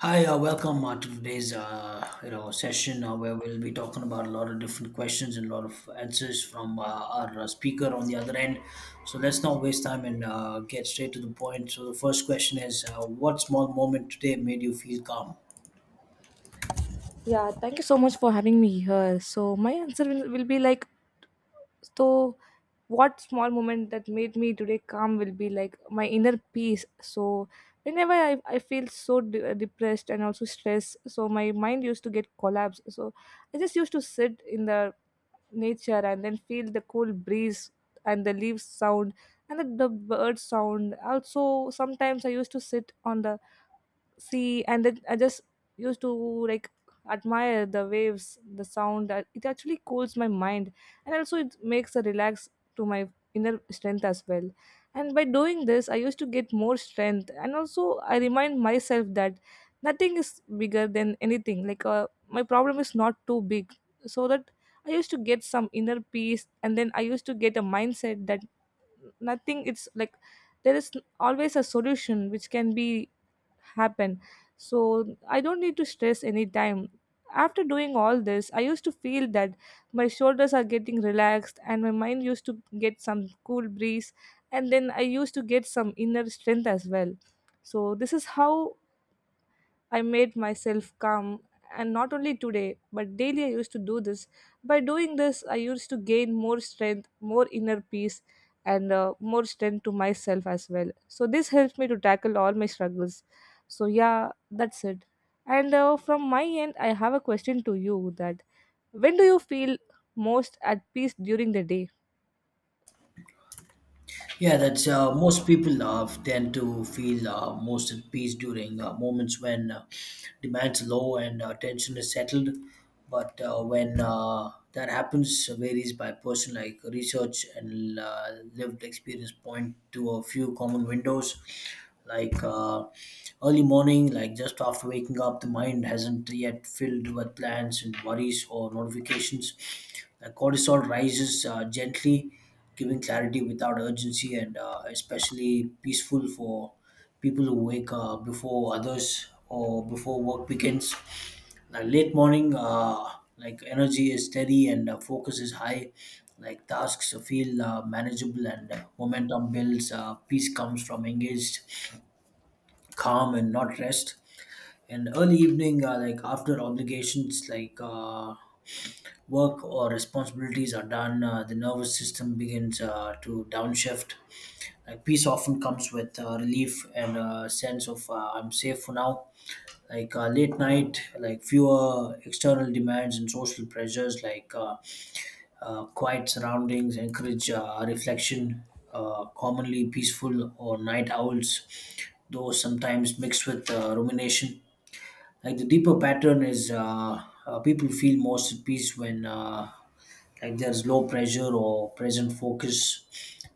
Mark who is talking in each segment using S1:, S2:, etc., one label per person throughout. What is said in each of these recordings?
S1: Hi, welcome to today's session where we'll be talking about a lot of different questions and a lot of answers from our speaker on the other end. So let's not waste time and get straight to the point. So the first question is, what small moment today made you feel calm?
S2: Yeah, thank you so much for having me here. So my answer will be like so what small moment that made me today calm will be like my inner peace. So whenever I feel so depressed and also stressed, so my mind used to get collapsed. So I just used to sit in the nature and then feel the cool breeze and the leaves sound and the bird sound. Also sometimes I used to sit on the see and then I just used to like admire the waves the sound it actually cools my mind and also it makes a relax to my inner strength as well. And by doing this I used to get more strength and also I remind myself that nothing is bigger than anything like my problem is not too big, so that I used to get some inner peace and then I used to get a mindset that nothing it's like there is always a solution which can be happen. So I don't need to stress any time. After doing all this, I used to feel that my shoulders are getting relaxed and my mind used to get some cool breeze and then I used to get some inner strength as well. So this is how I made myself calm, and not only today, but daily I used to do this. By doing this, I used to gain more strength, more inner peace, and more strength to myself as well. So this helps me to tackle all my struggles. So, yeah, that's it. And from my end, I have a question to you that when do you feel most at peace during the day?
S1: Yeah, that's most people tend to feel most at peace during moments when demands are low and tension is settled. But when that happens, varies by person. Like research and lived experience point to a few common windows, like early morning, like just after waking up, the mind hasn't yet filled with plans and worries or notifications. Cortisol rises gently giving clarity without urgency and especially peaceful for people who wake before others or before work begins. Like late morning, like energy is steady and focus is high. Like tasks feel manageable and momentum builds. Peace comes from engaged, calm, and not rest. And early evening, like after obligations, like. Work or responsibilities are done, the nervous system begins to downshift. Like peace often comes with relief and a sense of I'm safe for now. Like late night, like fewer external demands and social pressures, like quiet surroundings encourage reflection. Commonly peaceful or night owls, though sometimes mixed with rumination, like the deeper pattern is people feel most at peace when like there's low pressure or present focus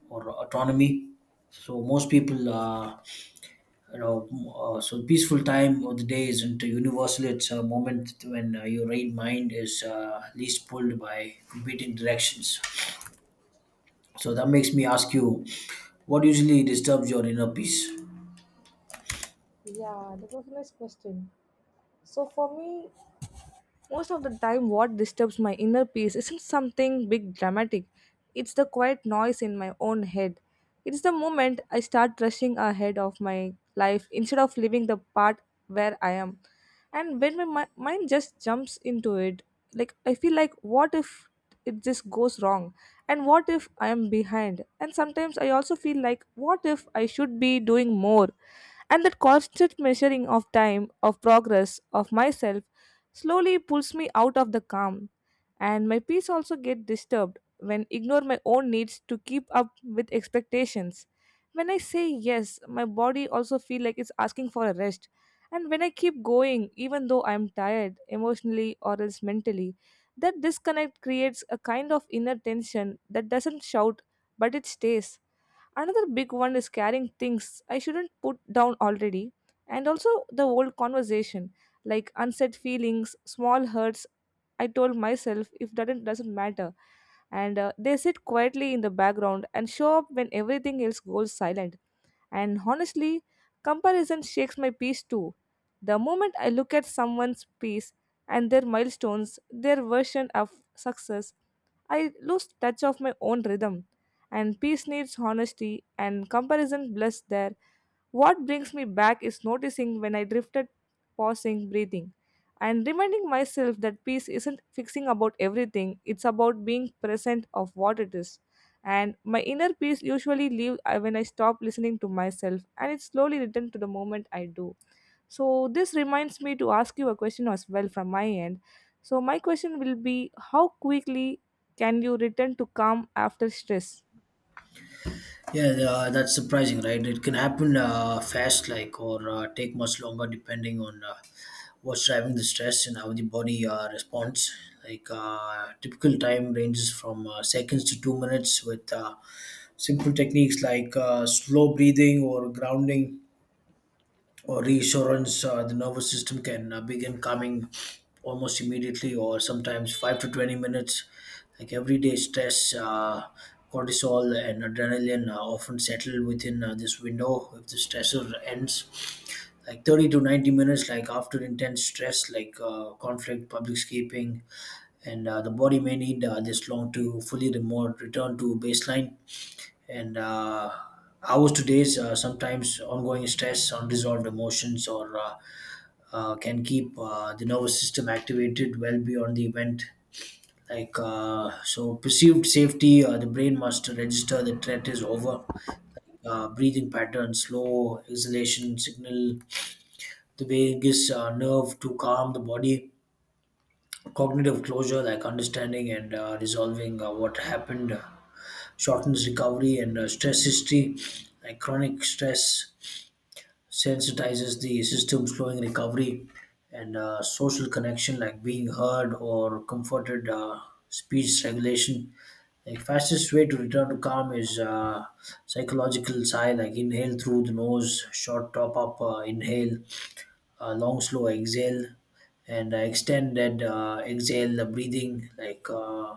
S1: or autonomy. So most people, so peaceful time of the day isn't universal. It's a moment when your right mind is least pulled by competing directions. So that makes me ask you, what usually disturbs your inner peace?
S2: Yeah, that was a nice question. So for me, most of the time, what disturbs my inner peace isn't something big dramatic, it's the quiet noise in my own head. It's the moment I start rushing ahead of my life instead of living the part where I am. And when my mind just jumps into it, like I feel like, what if it just goes wrong? And what if I am behind? And sometimes I also feel like, what if I should be doing more? And that constant measuring of time of progress of myself slowly pulls me out of the calm, and my peace also get disturbed when ignore my own needs to keep up with expectations. When I say yes, my body also feel like it's asking for a rest. And when I keep going, even though I'm tired emotionally or else mentally, that disconnect creates a kind of inner tension that doesn't shout, but it stays. Another big one is carrying things I shouldn't put down already, and also the old conversation, like unsaid feelings, small hurts. I told myself if that doesn't matter, and they sit quietly in the background and show up when everything else goes silent. And honestly, comparison shakes my peace too. The moment I look at someone's piece and their milestones, their version of success, I lose touch of my own rhythm. And peace needs honesty and comparison blurs there. What brings me back is noticing when I drifted, pausing, breathing, and reminding myself that peace isn't fixing about everything, it's about being present of what it is. And my inner peace usually leave when I stop listening to myself and it slowly return to the moment I do. So this reminds me to ask you a question as well from my end. So my question will be how quickly can you return to calm after stress?
S1: Yeah, that's surprising, right? It can happen fast, like, or take much longer depending on what's driving the stress and how the body responds. Like, typical time ranges from seconds to 2 minutes with simple techniques like slow breathing or grounding or reassurance. The nervous system can begin calming almost immediately, or sometimes 5 to 20 minutes. Like everyday stress, cortisol, and adrenaline are often settled within this window. If the stressor ends, like 30 to 90 minutes, like after intense stress, like conflict, public escaping, and the body may need this long to fully remote return to baseline. And. Hours to days, sometimes ongoing stress, unresolved emotions, or can keep the nervous system activated well beyond the event. Like so, perceived safety, the brain must register the threat is over. Breathing pattern, slow exhalation signal, the vagus nerve to calm the body. Cognitive closure, like understanding and resolving what happened, shortens recovery, and stress history, like chronic stress sensitizes the system, slowing recovery, and social connection, like being heard or comforted, speech regulation. The fastest way to return to calm is psychological sigh, like inhale through the nose, short top up inhale, long slow exhale, and extended exhale, the breathing, like,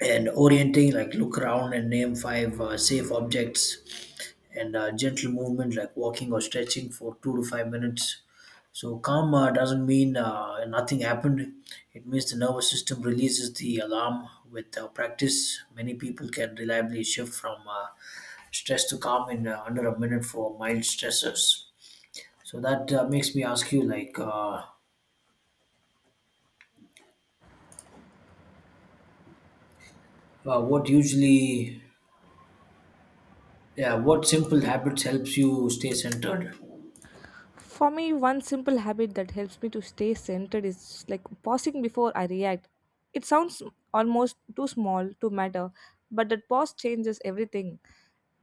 S1: and orienting, like look around and name five safe objects, and gentle movement like walking or stretching for 2 to 5 minutes. So calm doesn't mean nothing happened. It means the nervous system releases the alarm. With practice, many people can reliably shift from stress to calm in under a minute for mild stressors. So that makes me ask you, like, uh, what usually, yeah, what simple habits helps you stay centered?
S2: For me, one simple habit that helps me to stay centered is like pausing before I react. It sounds almost too small to matter, but that pause changes everything.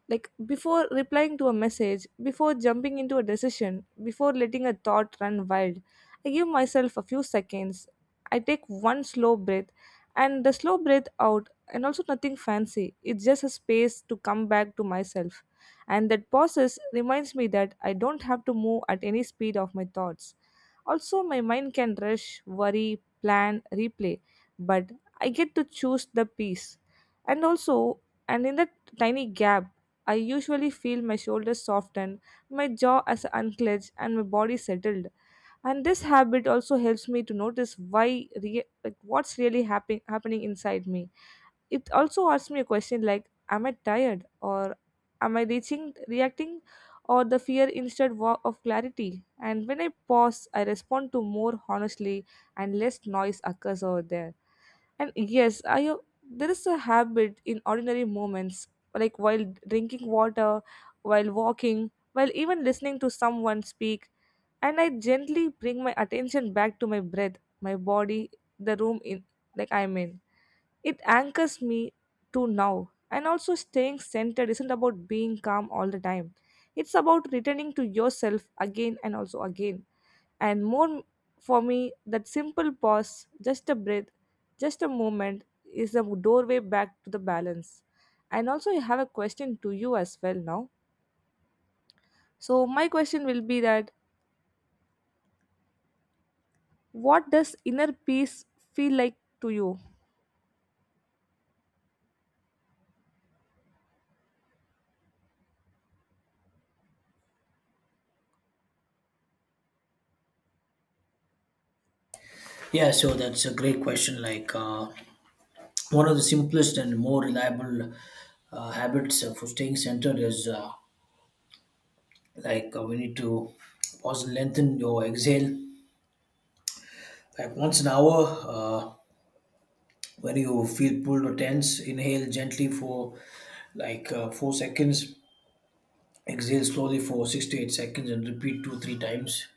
S2: Like before replying to a message, before jumping into a decision, before letting a thought run wild, I give myself a few seconds. I take one slow breath and the slow breath out, and also nothing fancy, it's just a space to come back to myself. And that process reminds me that I don't have to move at any speed of my thoughts. Also my mind can rush worry plan replay, but I get to choose the peace. And also, and in that tiny gap, I usually feel my shoulders soften, my jaw as unclench, and my body settled. And this habit also helps me to notice why, like what's really happening inside me. It also asks me a question like, "Am I tired?" or "Am I reacting?" or the fear instead of clarity. And when I pause, I respond to more honestly, and less noise occurs over there. And yes, there is a habit in ordinary moments, like while drinking water, while walking, while even listening to someone speak, and I gently bring my attention back to my breath, my body, the room in like I'm in. It anchors me to now. And also, staying centered isn't about being calm all the time, it's about returning to yourself again and also again. And more for me, that simple pause, just a breath, just a moment is the doorway back to the balance. And also, I have a question to you as well now. So my question will be that what does inner peace feel like to you?
S1: Yeah, so that's a great question. Like, one of the simplest and more reliable habits for staying centered is we need to pause and lengthen your exhale. Like once an hour, uh, when you feel pulled or tense, inhale gently for like 4 seconds, exhale slowly for 6 to 8 seconds, and repeat 2 3 times.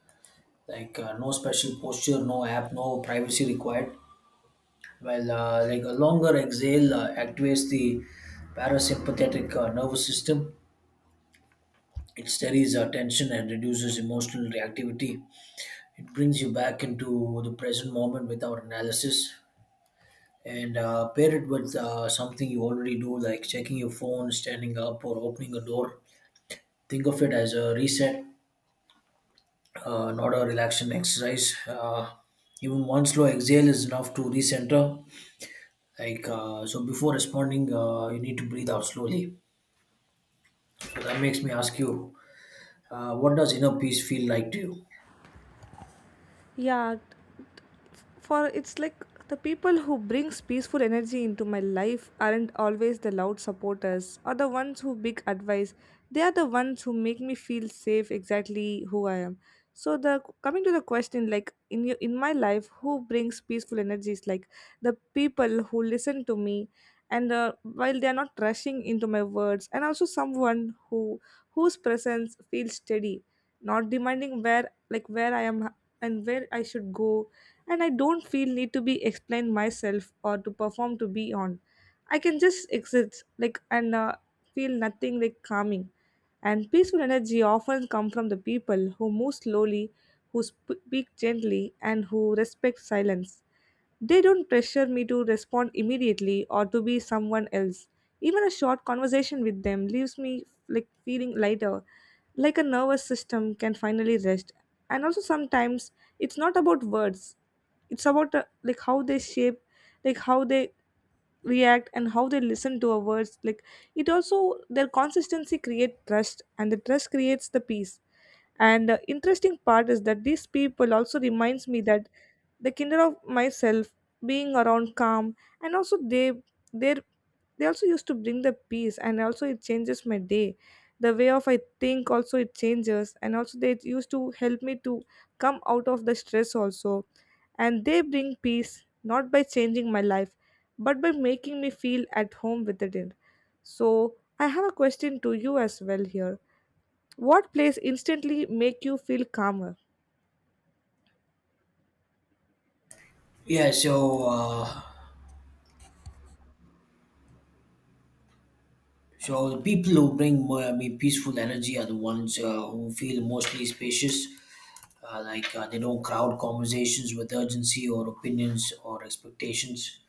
S1: Like no special posture, no app, no privacy required. Well, like a longer exhale activates the parasympathetic nervous system. It steadies our tension and reduces emotional reactivity. It brings you back into the present moment without analysis. And pair it with something you already do, like checking your phone, standing up, or opening a door. Think of it as a reset, not a relaxation exercise. Even one slow exhale is enough to recenter. Like so, before responding, you need to breathe out slowly. So that makes me ask you, what does inner peace feel like to you?
S2: Yeah, for it's like the people who brings peaceful energy into my life aren't always the loud supporters or the ones who big advice. They are the ones who make me feel safe exactly who I am. So the coming to the question like in my life who brings peaceful energies, like the people who listen to me, and while they are not rushing into my words, and also someone who whose presence feels steady, not demanding where like where I am and where I should go. And I don't feel need to be explain myself or to perform to be on. I can just exist like and feel nothing like calming. And peaceful energy often come from the people who move slowly, who speak gently, and who respect silence. They don't pressure me to respond immediately or to be someone else. Even a short conversation with them leaves me like feeling lighter, like a nervous system can finally rest. And also sometimes it's not about words, it's about like how they shape, like how they react and how they listen to our words, like it also their consistency create trust and the trust creates the peace. And the interesting part is that these people also reminds me that the kinder of myself being around calm, and also they their they also used to bring the peace, and also it changes my day, the way of I think also it changes, and also they used to help me to come out of the stress also. And they bring peace not by changing my life, but by making me feel at home with it. So I have a question to you as well here. What place instantly make you feel calmer?
S1: Yeah, so the people who bring more, I mean, peaceful energy are the ones who feel mostly spacious. Like they don't crowd conversations with urgency or opinions or expectations.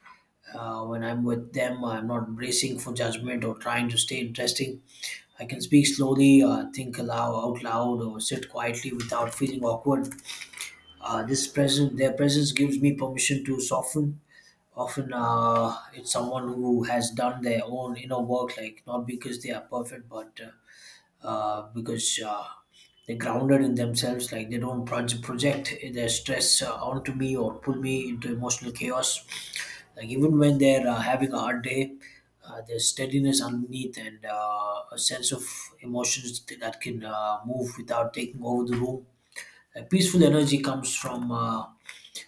S1: When I'm with them, I'm not bracing for judgment or trying to stay interesting. I can speak slowly, think aloud, out loud, or sit quietly without feeling awkward. Their presence gives me permission to soften. Often, it's someone who has done their own inner work, like not because they are perfect, but because they're grounded in themselves. Like they don't project their stress onto me or pull me into emotional chaos. Like even when they're having a hard day, there's steadiness underneath, and a sense of emotions that can move without taking over the room. A peaceful energy comes from.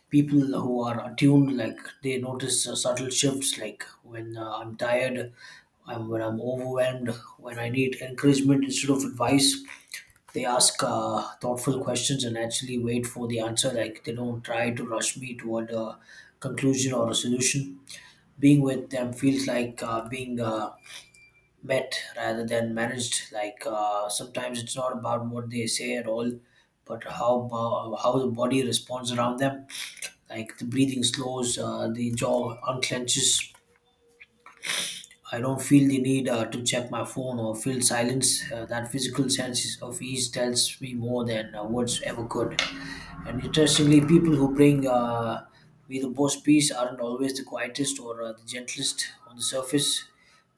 S1: People who are attuned, like they notice subtle shifts, like when I'm tired, when I'm overwhelmed, when I need encouragement instead of advice. They ask thoughtful questions and actually wait for the answer. Like they don't try to rush me toward a conclusion or a solution. Being with them feels like being met rather than managed. Like sometimes it's not about what they say at all, but how the body responds around them. Like the breathing slows, the jaw unclenches. I don't feel the need to check my phone or feel silence. That physical sense of ease tells me more than words ever could. And interestingly, people who bring me the most peace aren't always the quietest or the gentlest on the surface.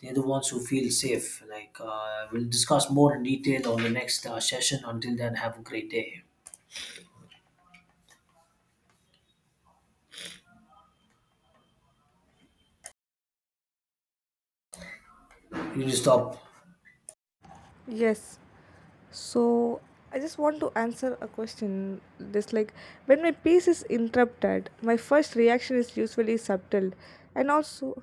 S1: They're the ones who feel safe. Like we'll discuss more in detail on the next session. Until then, have a great day. You need to stop.
S2: Yes. So I just want to answer a question. This like when my peace is interrupted, my first reaction is usually subtle, and also